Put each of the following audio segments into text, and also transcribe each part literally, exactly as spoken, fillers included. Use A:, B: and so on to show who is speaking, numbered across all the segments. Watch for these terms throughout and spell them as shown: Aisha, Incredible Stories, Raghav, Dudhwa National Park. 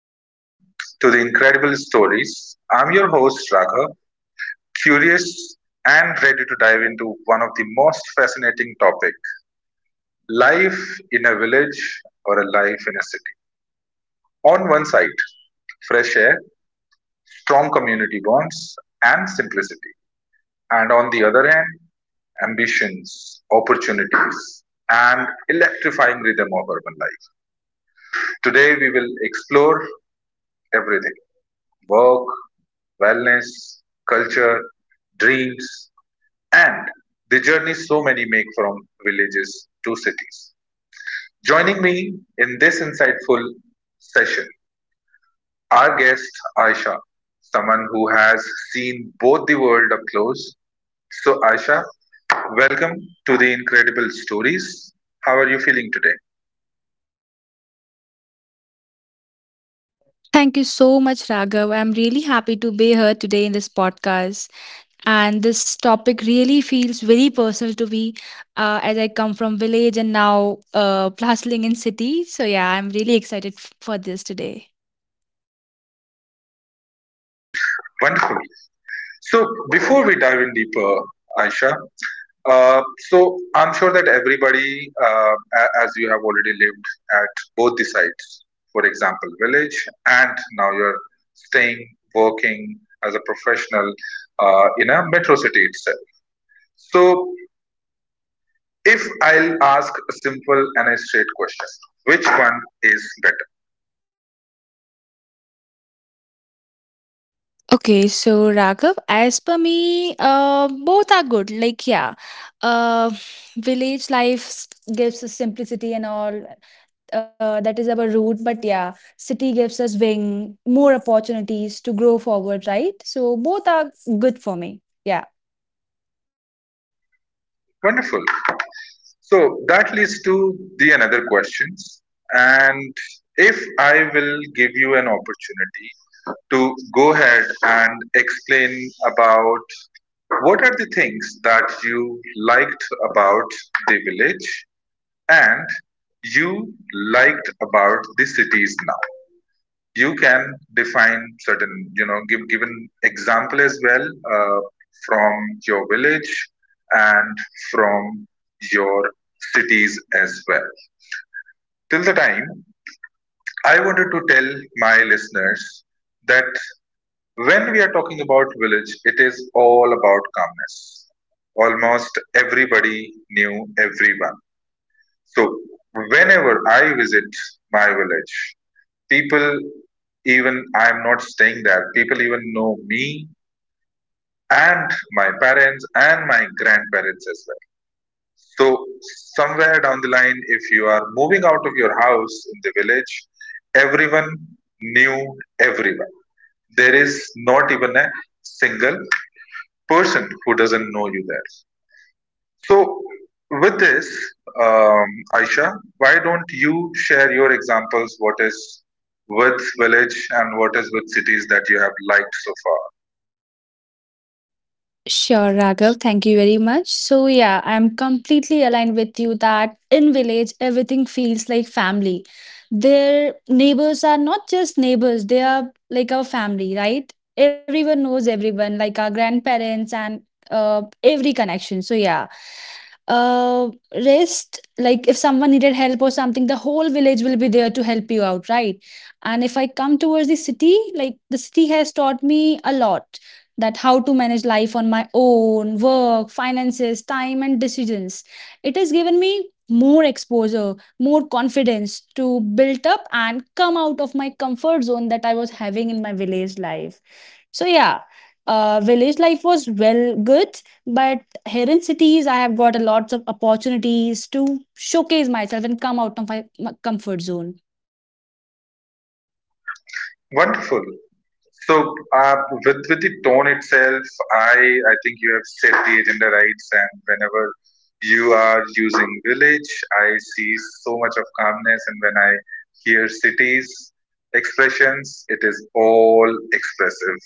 A: welcome to the Incredible Stories. I'm your host Raghav, curious and ready to dive into one of the most fascinating topic, life in a village or a life in a city. On one side, fresh air, strong community bonds and simplicity, and on the other hand, ambitions, opportunities and electrifying rhythm of urban life. Today we will explore everything, work, wellness, culture, dreams, and the journey so many make from villages to cities. Joining me in this insightful session, our guest Aisha, someone who has seen both the world up close. So, Aisha, welcome to the Incredible Stories. How are you feeling today?
B: Thank you so much, Raghav. I'm really happy to be here today in this podcast. And this topic really feels very personal to me, uh, as I come from village and now uh, plastering in city. So yeah, I'm really excited f- for this today.
A: Wonderful. So, before we dive in deeper, Aisha, Uh, so I'm sure that everybody, uh, a- as you have already lived at both the sites, for example, village, and now you're staying, working as a professional uh, in a metro city itself. So if I'll ask a simple and a straight question, which one is better?
B: Okay, so Raghav, as per me, uh, both are good. Like, yeah, uh, village life s- gives us simplicity and all. Uh, that is our root, but yeah, city gives us wing, more opportunities to grow forward, right? So both are good for me, yeah.
A: Wonderful. So that leads to the another questions, and if I will give you an opportunity to go ahead and explain about what are the things that you liked about the village and you liked about the cities now you can define certain you know give given example as well uh, from your village and from your cities as well till the time I wanted to tell my listeners that when we are talking about village, it is all about calmness. Almost everybody knew everyone. So, whenever I visit my village, people, even I am not staying there, people even know me and my parents and my grandparents as well. So, somewhere down the line, if you are moving out of your house in the village, everyone knew everyone. There is not even a single person who doesn't know you there. So, with this, um, Aisha, why don't you share your examples? What is with village and what is with cities that you have liked so far?
B: Sure, Raghav. Thank you very much. So, yeah, I'm completely aligned with you that in village, everything feels like family. Their neighbors are not just neighbors, they are like our family, right? Everyone knows everyone, like our grandparents and uh, every connection. So, yeah. Uh, Rest, like if someone needed help or something, the whole village will be there to help you out, right? And if I come towards the city, like the city has taught me a lot, that how to manage life on my own, work, finances, time, and decisions. It has given me more exposure, more confidence to build up and come out of my comfort zone that I was having in my village life. So, yeah, uh, village life was well good, but here in cities, I have got a lots of opportunities to showcase myself and come out of my my comfort zone.
A: Wonderful. So uh, with with the tone itself, I I think you have set the agenda right, and whenever you are using village, I see so much of calmness, and when I hear cities expressions, it is all expressive.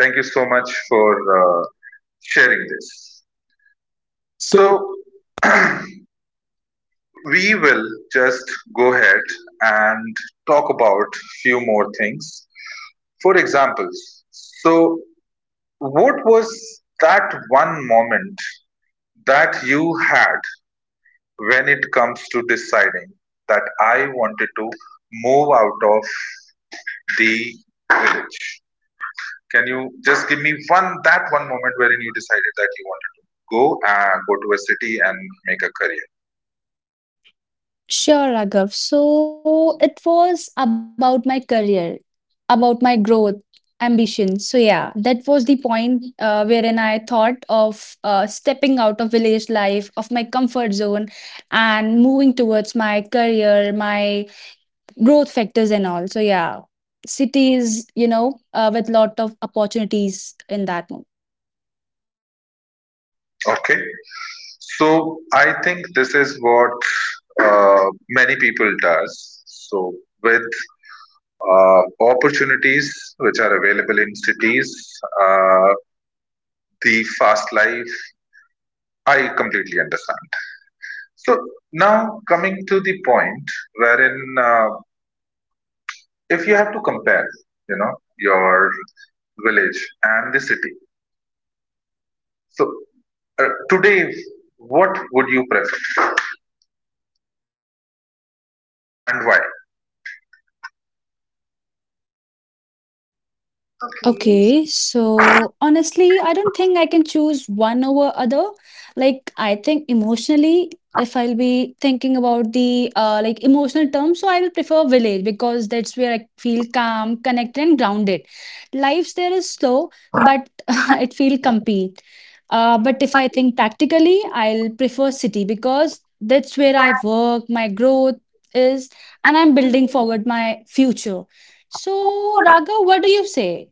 A: Thank you so much for uh, sharing this. So we will just go ahead and talk about few more things. For examples, so what was that one moment that you had when it comes to deciding that I wanted to move out of the village? Can you just give me one that one moment wherein you decided that you wanted to go and go to a city and make a career?
B: Sure, Raghav. So it was about my career, about my growth, ambition. So yeah, that was the point uh, wherein I thought of uh, stepping out of village life, of my comfort zone, and moving towards my career, my growth factors, and all. So yeah, cities, you know, uh, with lot of opportunities in that.
A: Okay, so I think this is what uh, many people does. So with uh, opportunities which are available in cities. Uh, the fast life. I completely understand. So now coming to the point wherein uh, if you have to compare, you know, your village and the city. So uh, today, what would you prefer and why?
B: Okay, so honestly, I don't think I can choose one other. Like, I think emotionally, if I'll be thinking about the uh, like emotional terms, so I will prefer village because that's where I feel calm, connected, and grounded. Lives there is slow, but it feel complete. Uh, but if I think practically, I'll prefer city because that's where I work, my growth is, and I'm building forward my future. So, Raga, what do you say?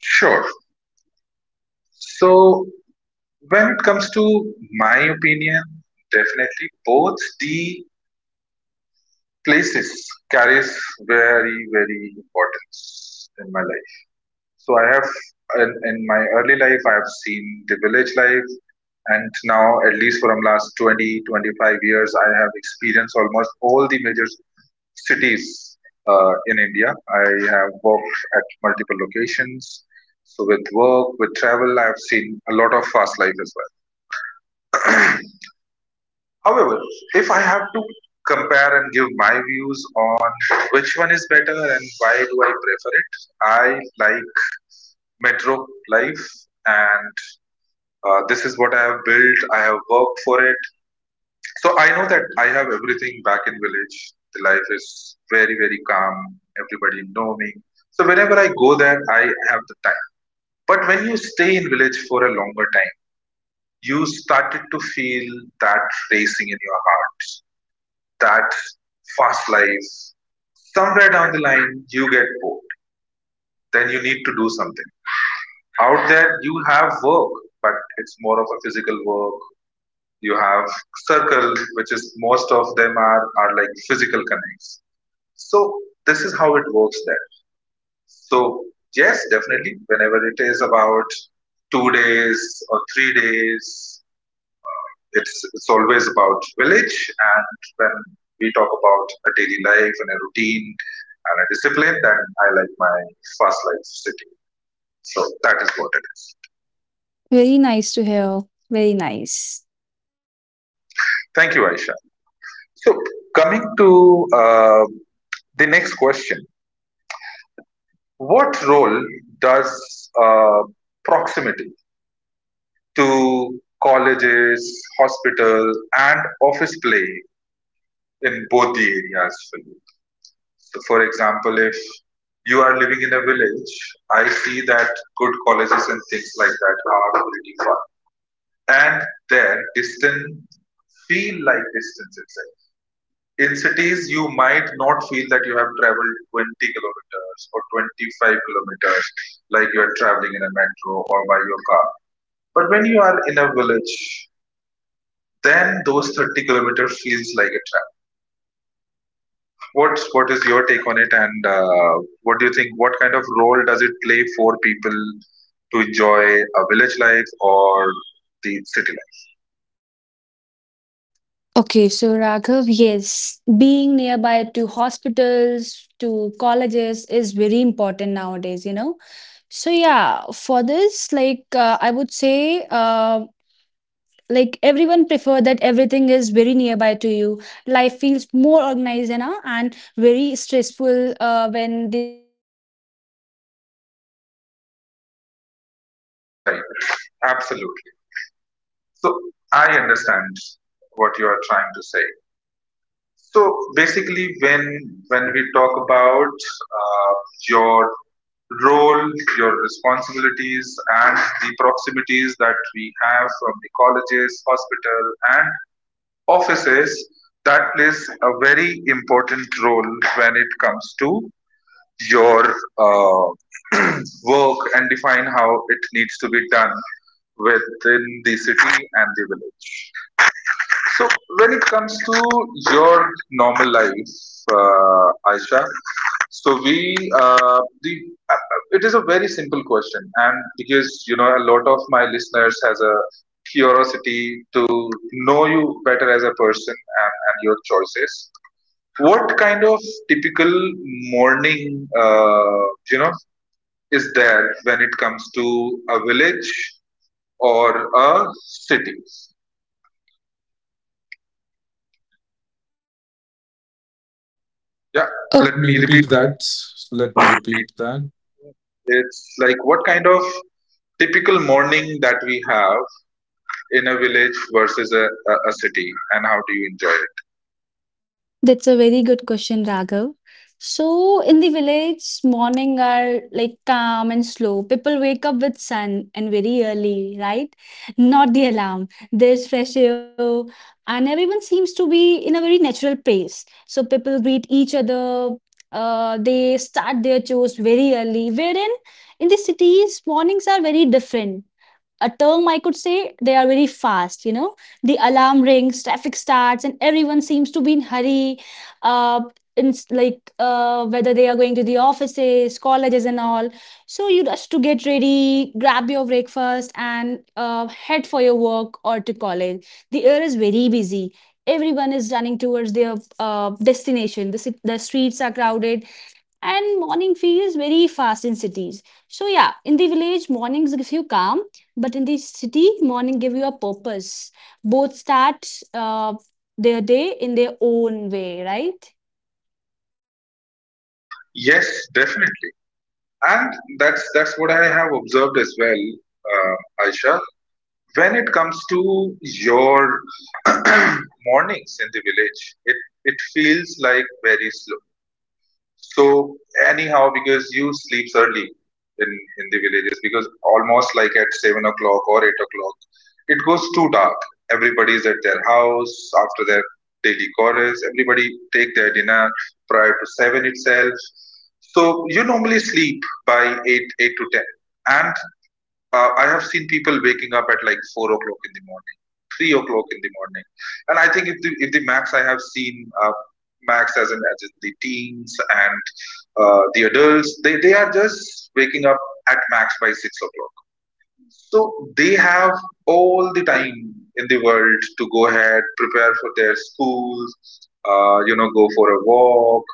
A: Sure. So when it comes to my opinion, definitely both the places carries very very importance in my life. So I have, in, in my early life, I have seen the village life, and now, at least from last twenty twenty-five years, I have experienced almost all the major cities uh, in India. I have worked at multiple locations. So with work, with travel, I have seen a lot of fast life as well. However, if I have to compare and give my views on which one is better and why do I prefer it, I like metro life and uh, this is what I have built, I have worked for it. So I know that I have everything back in village. The life is very, very calm. Everybody know me. So whenever I go there, I have the time. But when you stay in village for a longer time, you started to feel that racing in your heart, that fast life. Somewhere down the line, you get bored. Then you need to do something. Out there, you have work, but it's more of a physical work. You have circle which is most of them are are like physical connects. So this is how it works there. So yes, definitely, whenever it is about two days or three days, it's it's always about village, and when we talk about a daily life and a routine and a discipline, then I like my fast life city. So that is what it is.
B: Very nice to hear. Very nice.
A: Thank you, Aisha. So coming to uh, the next question, what role does uh, proximity to colleges, hospitals, and office play in both the areas for you? So, for example, if you are living in a village, I see that good colleges and things like that are pretty far. And there, distance feel like distance itself. In cities, you might not feel that you have traveled twenty kilometers or twenty-five kilometers like you are traveling in a metro or by your car. But when you are in a village, then those thirty kilometer feels like a trap. What what is your take on it, and uh, what do you think? What kind of role does it play for people to enjoy a village life or the city life?
B: Okay, so Raghav, yes, being nearby to hospitals, to colleges is very important nowadays, you know. So yeah, for this, like uh, I would say, uh, like everyone prefer that everything is very nearby to you. Life feels more organized, you know, and very stressful uh, when.
A: Right, absolutely. So I understand what you are trying to say. So basically, when when we talk about uh, your role, your responsibilities, and the proximities that we have from the colleges, hospital, and offices, that plays a very important role when it comes to your uh, work and define how it needs to be done within the city and the village. So when it comes to your normal life, uh, Aisha, so we uh, the uh, it is a very simple question, and because you know a lot of my listeners has a curiosity to know you better as a person and, and your choices. What kind of typical morning, uh, you know, is there when it comes to a village or a city?
B: Yeah.
A: Yeah,
B: Oh,
A: let
B: let me
A: me repeat
B: repeat that. Let me
A: that.
B: repeat that.
A: It's like what kind of typical morning that we have in a village versus a, a, a, city, and how do you enjoy it?
B: That's a very good question, Raghav. So, in the village, morning are like calm and slow. People wake up with sun and very early, right? Not the alarm. There's fresh air, and everyone seems to be in a very natural pace. So, people greet each other. Uh, they start their chores very early. Wherein in the cities, mornings are very different. A term I could say, they are very fast, you know. The alarm rings, traffic starts, and everyone seems to be in hurry. Uh, in, like uh, whether they are going to the offices, colleges, and all. So you just to get ready, grab your breakfast, and uh, head for your work or to college. The air is very busy. Everyone is running towards their uh, destination. The, ci- the streets are crowded and morning feels very fast in cities. So yeah, in the village mornings give you calm, but in the city morning give you a purpose. Both start uh, their day in their own way, right?
A: Yes, definitely, and that's that's what I have observed as well, uh, Aisha. When it comes to your mornings in the village, it it feels like very. So anyhow, because you sleeps early in in the villages, because almost like at seven o'clock or eight o'clock, it goes too dark. Everybody is at their house after their daily chorus. Everybody take their dinner prior to seven itself. So you normally sleep by eight eight to ten, and uh, I have seen people waking up at like four o'clock in the morning, three o'clock in the morning, and I think if the if the max I have seen uh, max as in as in the teens and uh, the adults, they they are just waking up at max by six o'clock. So they have all the time in the world to go ahead, prepare for their schools, uh, you know, go for a walk,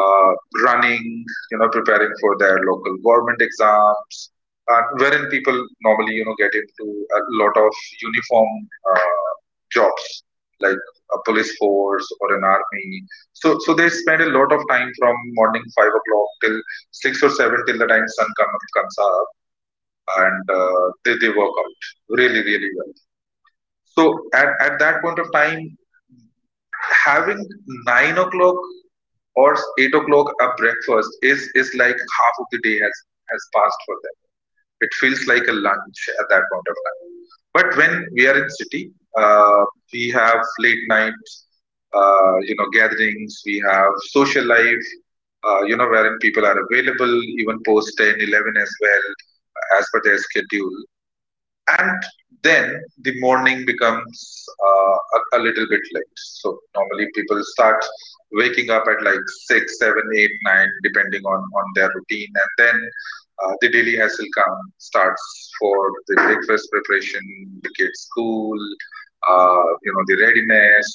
A: uh, running, you know, preparing for their local government exams, and wherein people normally, you know, get into a lot of uniform uh, jobs like a police force or an army. So, so they spend a lot of time from morning five o'clock till six or seven till the time sun come, comes up, and uh, they, they work out really, really well. So at, at that point of time, having nine o'clock or eight o'clock a breakfast is is like half of the day has has passed for them. It feels like a lunch at that point of time. But when we are in city, uh, we have late night, uh, you know, gatherings. We have social life, uh, you know, wherein people are available even post ten eleven as well as per their schedule, and then the morning becomes uh, a, a little bit late. So normally people start waking up at like six, seven, eight, nine, depending on on their routine, and then uh, the daily hassle come starts for the breakfast preparation, the kids school, uh, you know the readiness,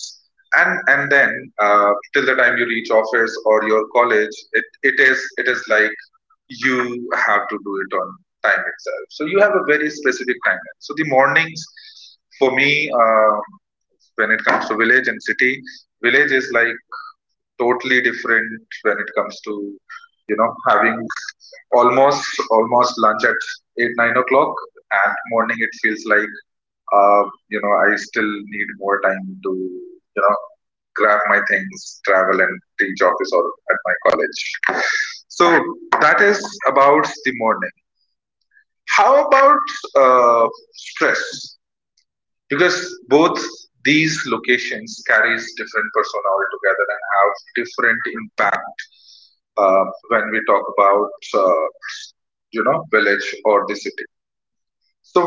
A: and and then uh, till the time you reach office or your college, it, it is it is like you have to do it on time itself. So you have a very specific timeline. So the mornings for me, um, when it comes to village and city, village is like totally different when it comes to you know having almost almost lunch at eight nine o'clock, and morning it feels like uh, you know I still need more time to you know grab my things, travel, and teach office or at my college. So that is about the morning. How about uh, stress? Because both these locations carries different persona altogether and have different impact uh, when we talk about uh, you know village or the city. So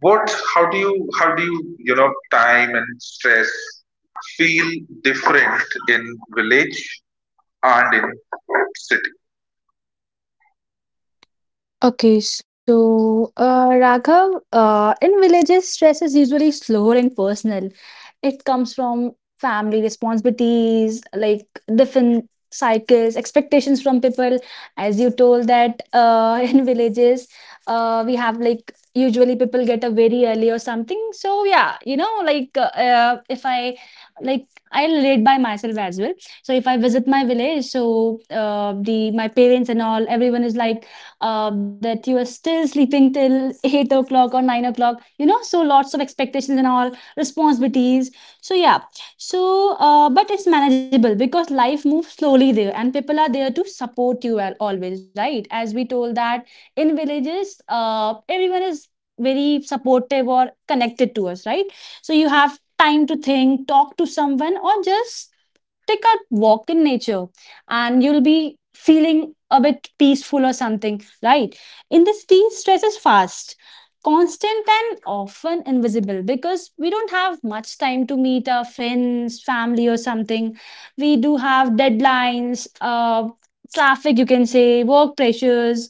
A: what? How do you how do you you know time and stress feel different in village and in city?
B: Okay, so uh, Raghav, uh, in villages, stress is usually slower and personal. It comes from family responsibilities, like different cycles, expectations from people. As you told that uh, in villages, uh, we have like usually people get up very early or something. So yeah, you know, like uh, uh, if I like I relate by myself as well. So if I visit my village, so uh, the my parents and all, everyone is like uh, that you are still sleeping till eight o'clock or nine o'clock, you know. So lots of expectations and all responsibilities. So yeah, so uh, but it's manageable because life moves slowly there and people are there to support you al- always, right? As we told that in villages, uh, everyone is very supportive or connected to us, right? So you have time to think, talk to someone, or just take a walk in nature, and you'll be feeling a bit peaceful or something, right? In this, de-stress is fast, constant, and often invisible because we don't have much time to meet our friends, family, or something. We do have deadlines, uh, traffic you can say, work pressures,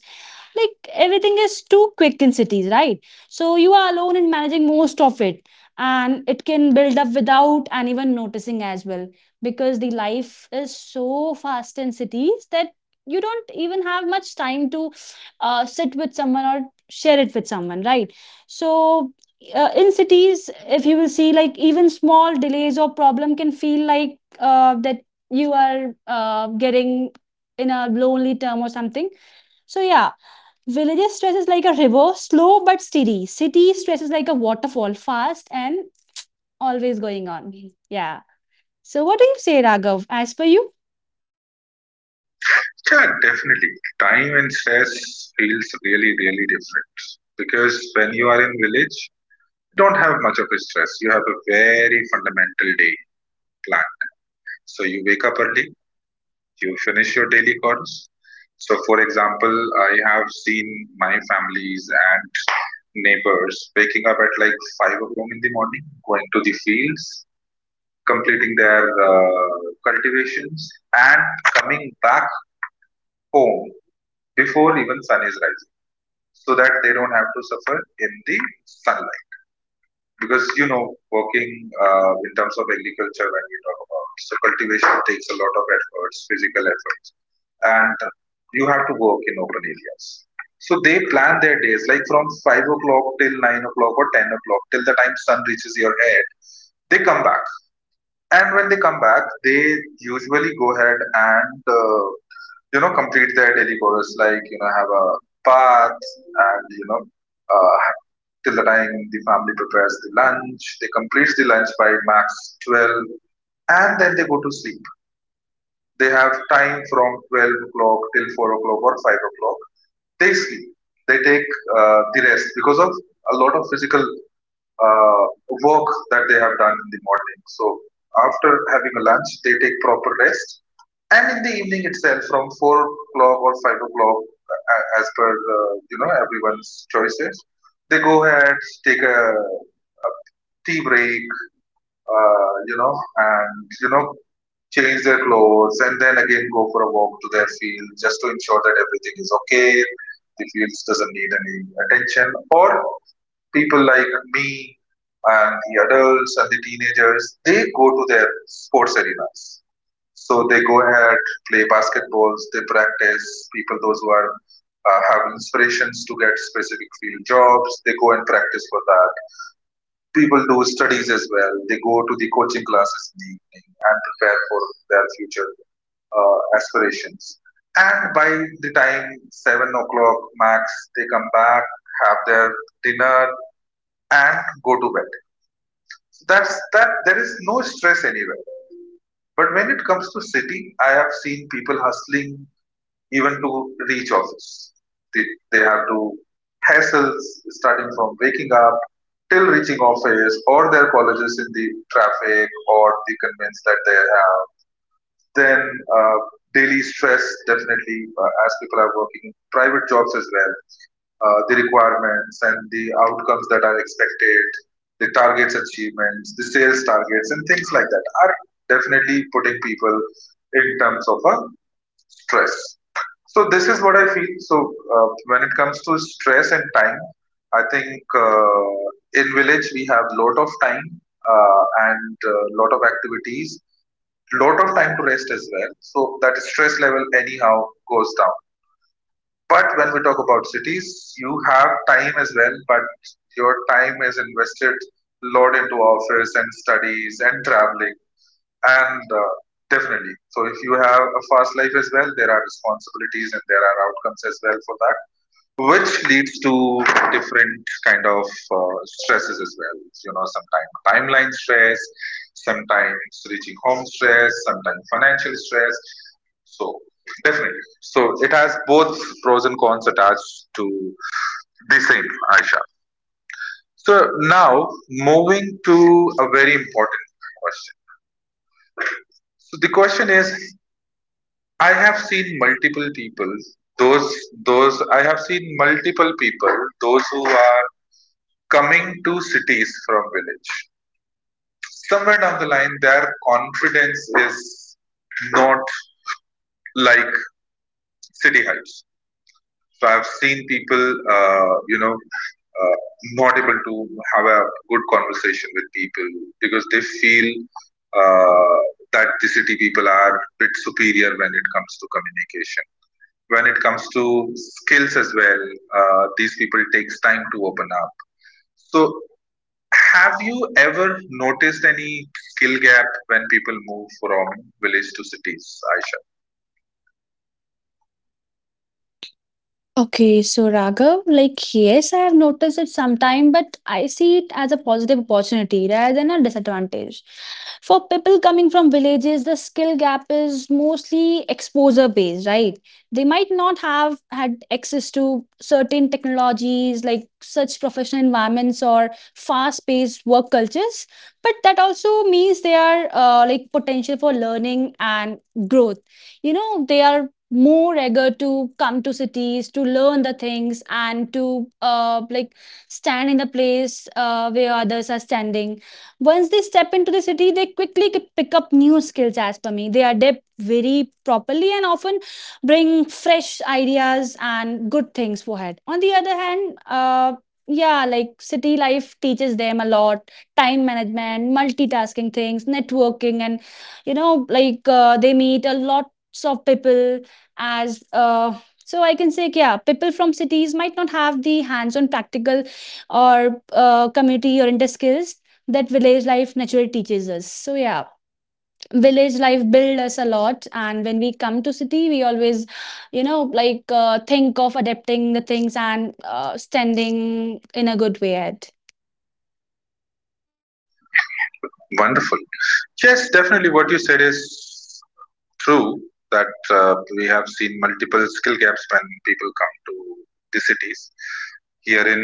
B: like everything is too quick in cities, right? So you are alone in managing most of it, and it can build up without and even noticing as well, because the life is so fast in cities that you don't even have much time to uh, sit with someone or share it with someone, right? So uh, in cities, if you will see, like even small delays or problem can feel like uh, that you are uh, getting in a lonely term or something. So yeah, villages stress is like a river, slow but steady. City stress is like a waterfall, fast and always going on, yeah. So, what do you say, Raghav? As per you?
A: Yeah, definitely. Time and stress feels really, really different because when you are in village, you don't have much of a stress. You have a very fundamental day plan. So you wake up early, you finish your daily chores. So for example, I have seen my families and neighbors waking up at like five o'clock in the morning, going to the fields, completing their uh, cultivations, and coming back home before even sun is rising so that they don't have to suffer in the sunlight, because you know working uh, in terms of agriculture when we talk about, so cultivation takes a lot of efforts, physical efforts, and you have to work in open areas. So they plan their days like from five o'clock till nine o'clock or ten o'clock, till the time sun reaches your head they come back. And when they come back, they usually go ahead and uh, you know complete their daily chores, like you know have a bath, and you know uh, till the time the family prepares the lunch, they complete the lunch by max twelve, and then they go to sleep. They have time from twelve o'clock till four o'clock or five o'clock, they sleep. They take uh, the rest because of a lot of physical uh, work that they have done in the morning. So after having a lunch, they take proper rest. And in the evening itself from four o'clock or five o'clock, a- as per uh, you know everyone's choices, they go ahead, take a tea break, uh, you know and you know change their clothes, and then again go for a walk to their field just to ensure that everything is okay, the fields doesn't need any attention. Or people like me and the adults and the teenagers, they go to their sports arenas. So they go ahead, play basketballs, they practice. People those who are uh, have inspirations to get specific field jobs, they go and practice for that. People do studies as well. They go to the coaching classes in the evening and prepare for their future uh, aspirations. And by the time seven o'clock max, they come back, have their dinner, and go to bed. So that's that. There is no stress anywhere. But when it comes to city, I have seen people hustling even to reach office. They, they have to hassle, starting from waking up till reaching office or their colleges, in the traffic or the convenience that they have. Then uh, daily stress definitely, uh, as people are working private jobs as well. Uh, the requirements and the outcomes that are expected, the targets achievements, the sales targets and things like that are definitely putting people in terms of a stress. So this is what I feel. So uh, when it comes to stress and time, I think uh, in village we have lot of time uh, and uh, lot of activities, lot of time to rest as well. So that stress level anyhow goes down. But when we talk about cities, you have time as well, but your time is invested lot into office and studies and traveling and uh, definitely. So if you have a fast life as well, there are responsibilities and there are outcomes as well for that, which leads to different kind of uh, stresses as well. you know sometimes timeline stress, sometimes reaching home stress, sometimes financial stress. So definitely. So it has both pros and cons attached to the same, Aisha. So now moving to a very important question. So the question is, I have seen multiple people those those i have seen multiple people those who are coming to cities from village, somewhere down the line their confidence is not like city heights. So I've seen people uh, you know uh, not able to have a good conversation with people because they feel uh, that the city people are a bit superior when it comes to communication, when it comes to skills as well. Uh, these people takes time to open up. So have you ever noticed any skill gap when people move from village to cities, Aisha?
B: Okay, so Raghav, like yes, I have noticed it sometime, but I see it as a positive opportunity rather than a disadvantage. For people coming from villages, the skill gap is mostly exposure based, right? They might not have had access to certain technologies like such professional environments or fast paced work cultures, but that also means they are uh, like potential for learning and growth, you know. They are more eager to come to cities to learn the things and to uh, like stand in the place uh, where others are standing. Once they step into the city, they quickly could pick up new skills. As per me, they adapt very properly and often bring fresh ideas and good things forward. On the other hand, uh, yeah, like city life teaches them a lot: time management, multitasking things, networking, and you know, like uh, they meet a lot lots of people as uh, so I can say. Yeah, people from cities might not have the hands on practical or uh, community oriented skills that village life naturally teaches us. So yeah, village life build us a lot, and when we come to city, we always, you know, like uh, think of adapting the things and uh, standing in a good way at.
A: Wonderful. Yes, definitely what you said is true, that uh, we have seen multiple skill gaps when people come to the cities. Here in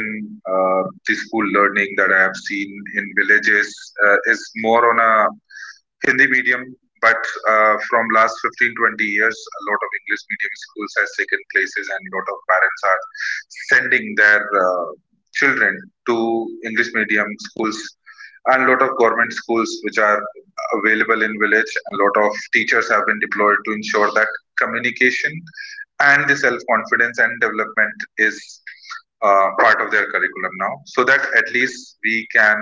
A: uh, the school learning that I have seen in villages uh, is more on a Hindi medium, but uh, from last fifteen, twenty years, a lot of English medium schools has taken places, and a lot of parents are sending their uh, children to English medium schools. And a lot of government schools which are available in village, a lot of teachers have been deployed to ensure that communication and the self-confidence and development is uh, part of their curriculum now, so that at least we can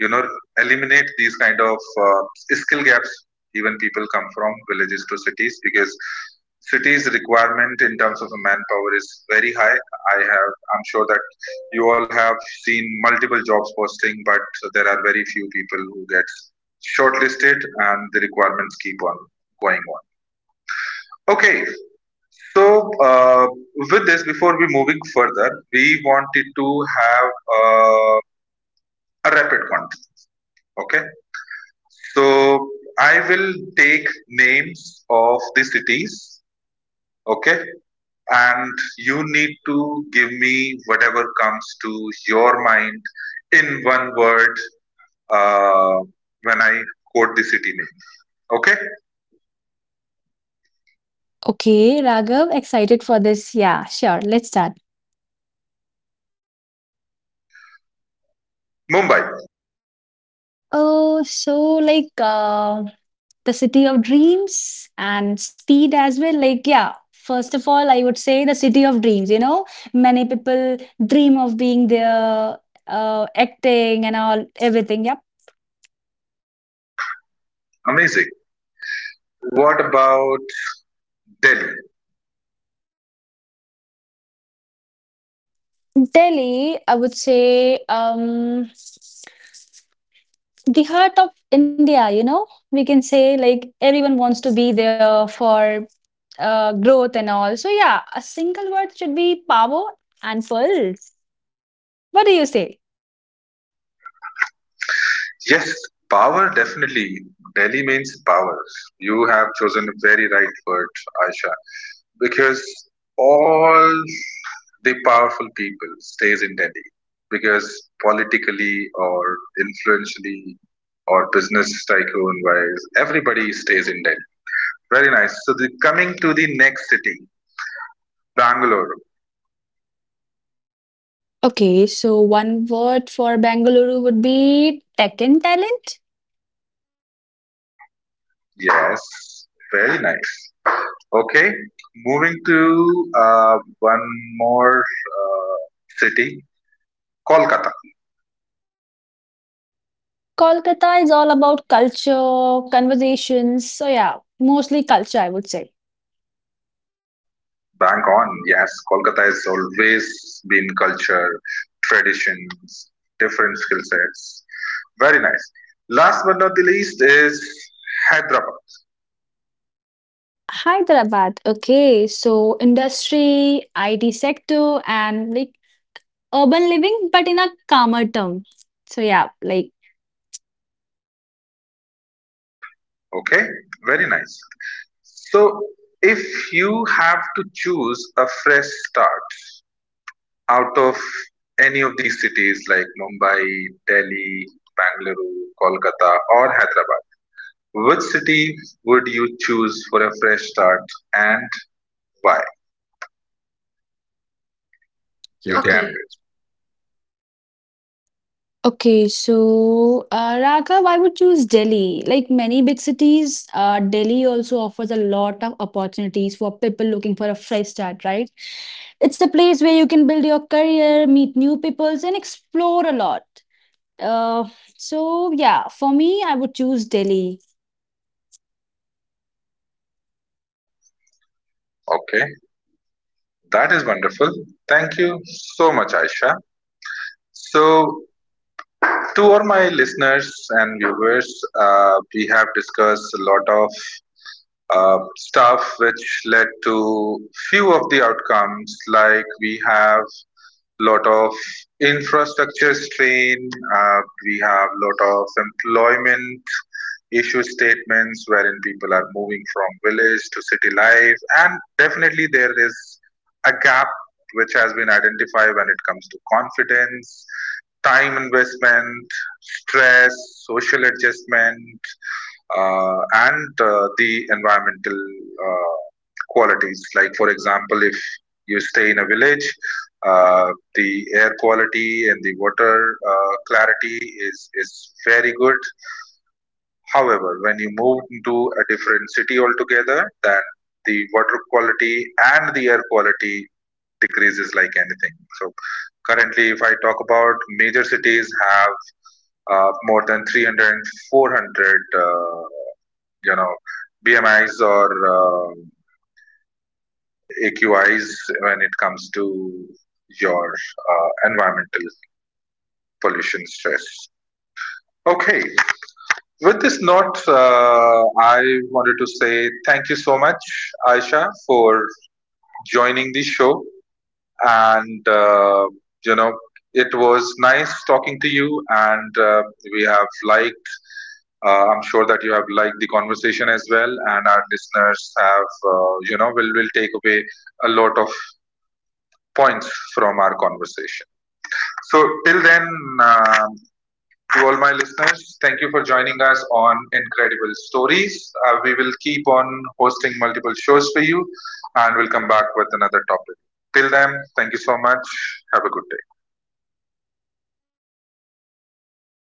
A: you know eliminate these kind of uh, skill gaps even people come from villages to cities, because cities requirement in terms of the manpower is very high. I have i'm sure that you all have seen multiple jobs posting, but there are very few people who get shortlisted, and the requirements keep on going on. Okay, so uh, with this, before we moving further, we wanted to have uh, a rapid one. Okay. So I will take names of the cities. Okay. And you need to give me whatever comes to your mind in one word uh, when I quote the city name. Okay.
B: Okay, Raghav, excited for this. Yeah, sure, let's start.
A: Mumbai.
B: Oh, so like uh, the city of dreams and speed as well. Like, yeah, first of all, I would say the city of dreams. You know, many people dream of being there, uh, acting and all, everything. Yep.
A: Amazing. What about Delhi?
B: Delhi, I would say, um, the heart of India, you know, we can say, like everyone wants to be there for uh, growth and all. So, yeah, a single word should be power and pulse. What do you say?
A: Yes, power definitely. Delhi means power. You have chosen a very right word, Aisha, because all the powerful people stays in Delhi, because politically or influentially or business tycoon wise, everybody stays in Delhi. Very nice. So the, coming to the next city, Bangalore.
B: Okay, so one word for Bengaluru would be tech and talent.
A: Yes, very nice. Okay, moving to uh, one more uh, city, Kolkata,
B: Kolkata is all about culture, conversations. So, yeah, mostly culture, I would say.
A: bang on. Yes, Kolkata has always been culture, traditions, different skill sets. Very nice. Last but not the least is Hyderabad.
B: Hyderabad, okay, so industry, I T sector, and like urban living, but in a calmer term. So, yeah, like.
A: Okay, very nice. So if you have to choose a fresh start out of any of these cities like Mumbai, Delhi, Bangalore, Kolkata, or Hyderabad, which city would you choose for a fresh start and why?
B: You
A: You
B: can.
A: can
B: Okay, so uh, Raghav, I would choose Delhi. Like many big cities, uh, Delhi also offers a lot of opportunities for people looking for a fresh start, right? It's a place where you can build your career, meet new peoples, and explore a lot. Uh, so yeah, for me, I would choose Delhi.
A: okay, that is wonderful. Thank you so much, Aisha. So to all my listeners and viewers, uh, we have discussed a lot of uh, stuff which led to few of the outcomes. Like, we have lot of infrastructure strain, uh, we have lot of employment issue statements wherein people are moving from village to city life, and definitely there is a gap which has been identified when it comes to confidence, time investment, stress, social adjustment, uh, and uh, the environmental uh, qualities. Like for example, if you stay in a village, uh, the air quality and the water uh, clarity is is very good. However, when you move into a different city altogether, then the water quality and the air quality decreases like anything. So currently, if I talk about, major cities have uh, more than three hundred four hundred, uh, you know, B M Is or uh, A Q Is when it comes to your uh, environmental pollution stress. Okay, with this note, uh, I wanted to say thank you so much, Aisha, for joining the show. And uh, you know, it was nice talking to you. And uh, we have liked, uh, I'm sure that you have liked the conversation as well. And our listeners have uh, you know, will, will take away a lot of points from our conversation. So till then, uh, To all my listeners, thank you for joining us on Incredible Stories. Uh, we will keep on hosting multiple shows for you, and we'll come back with another topic. Till then, thank you so much. Have a good day.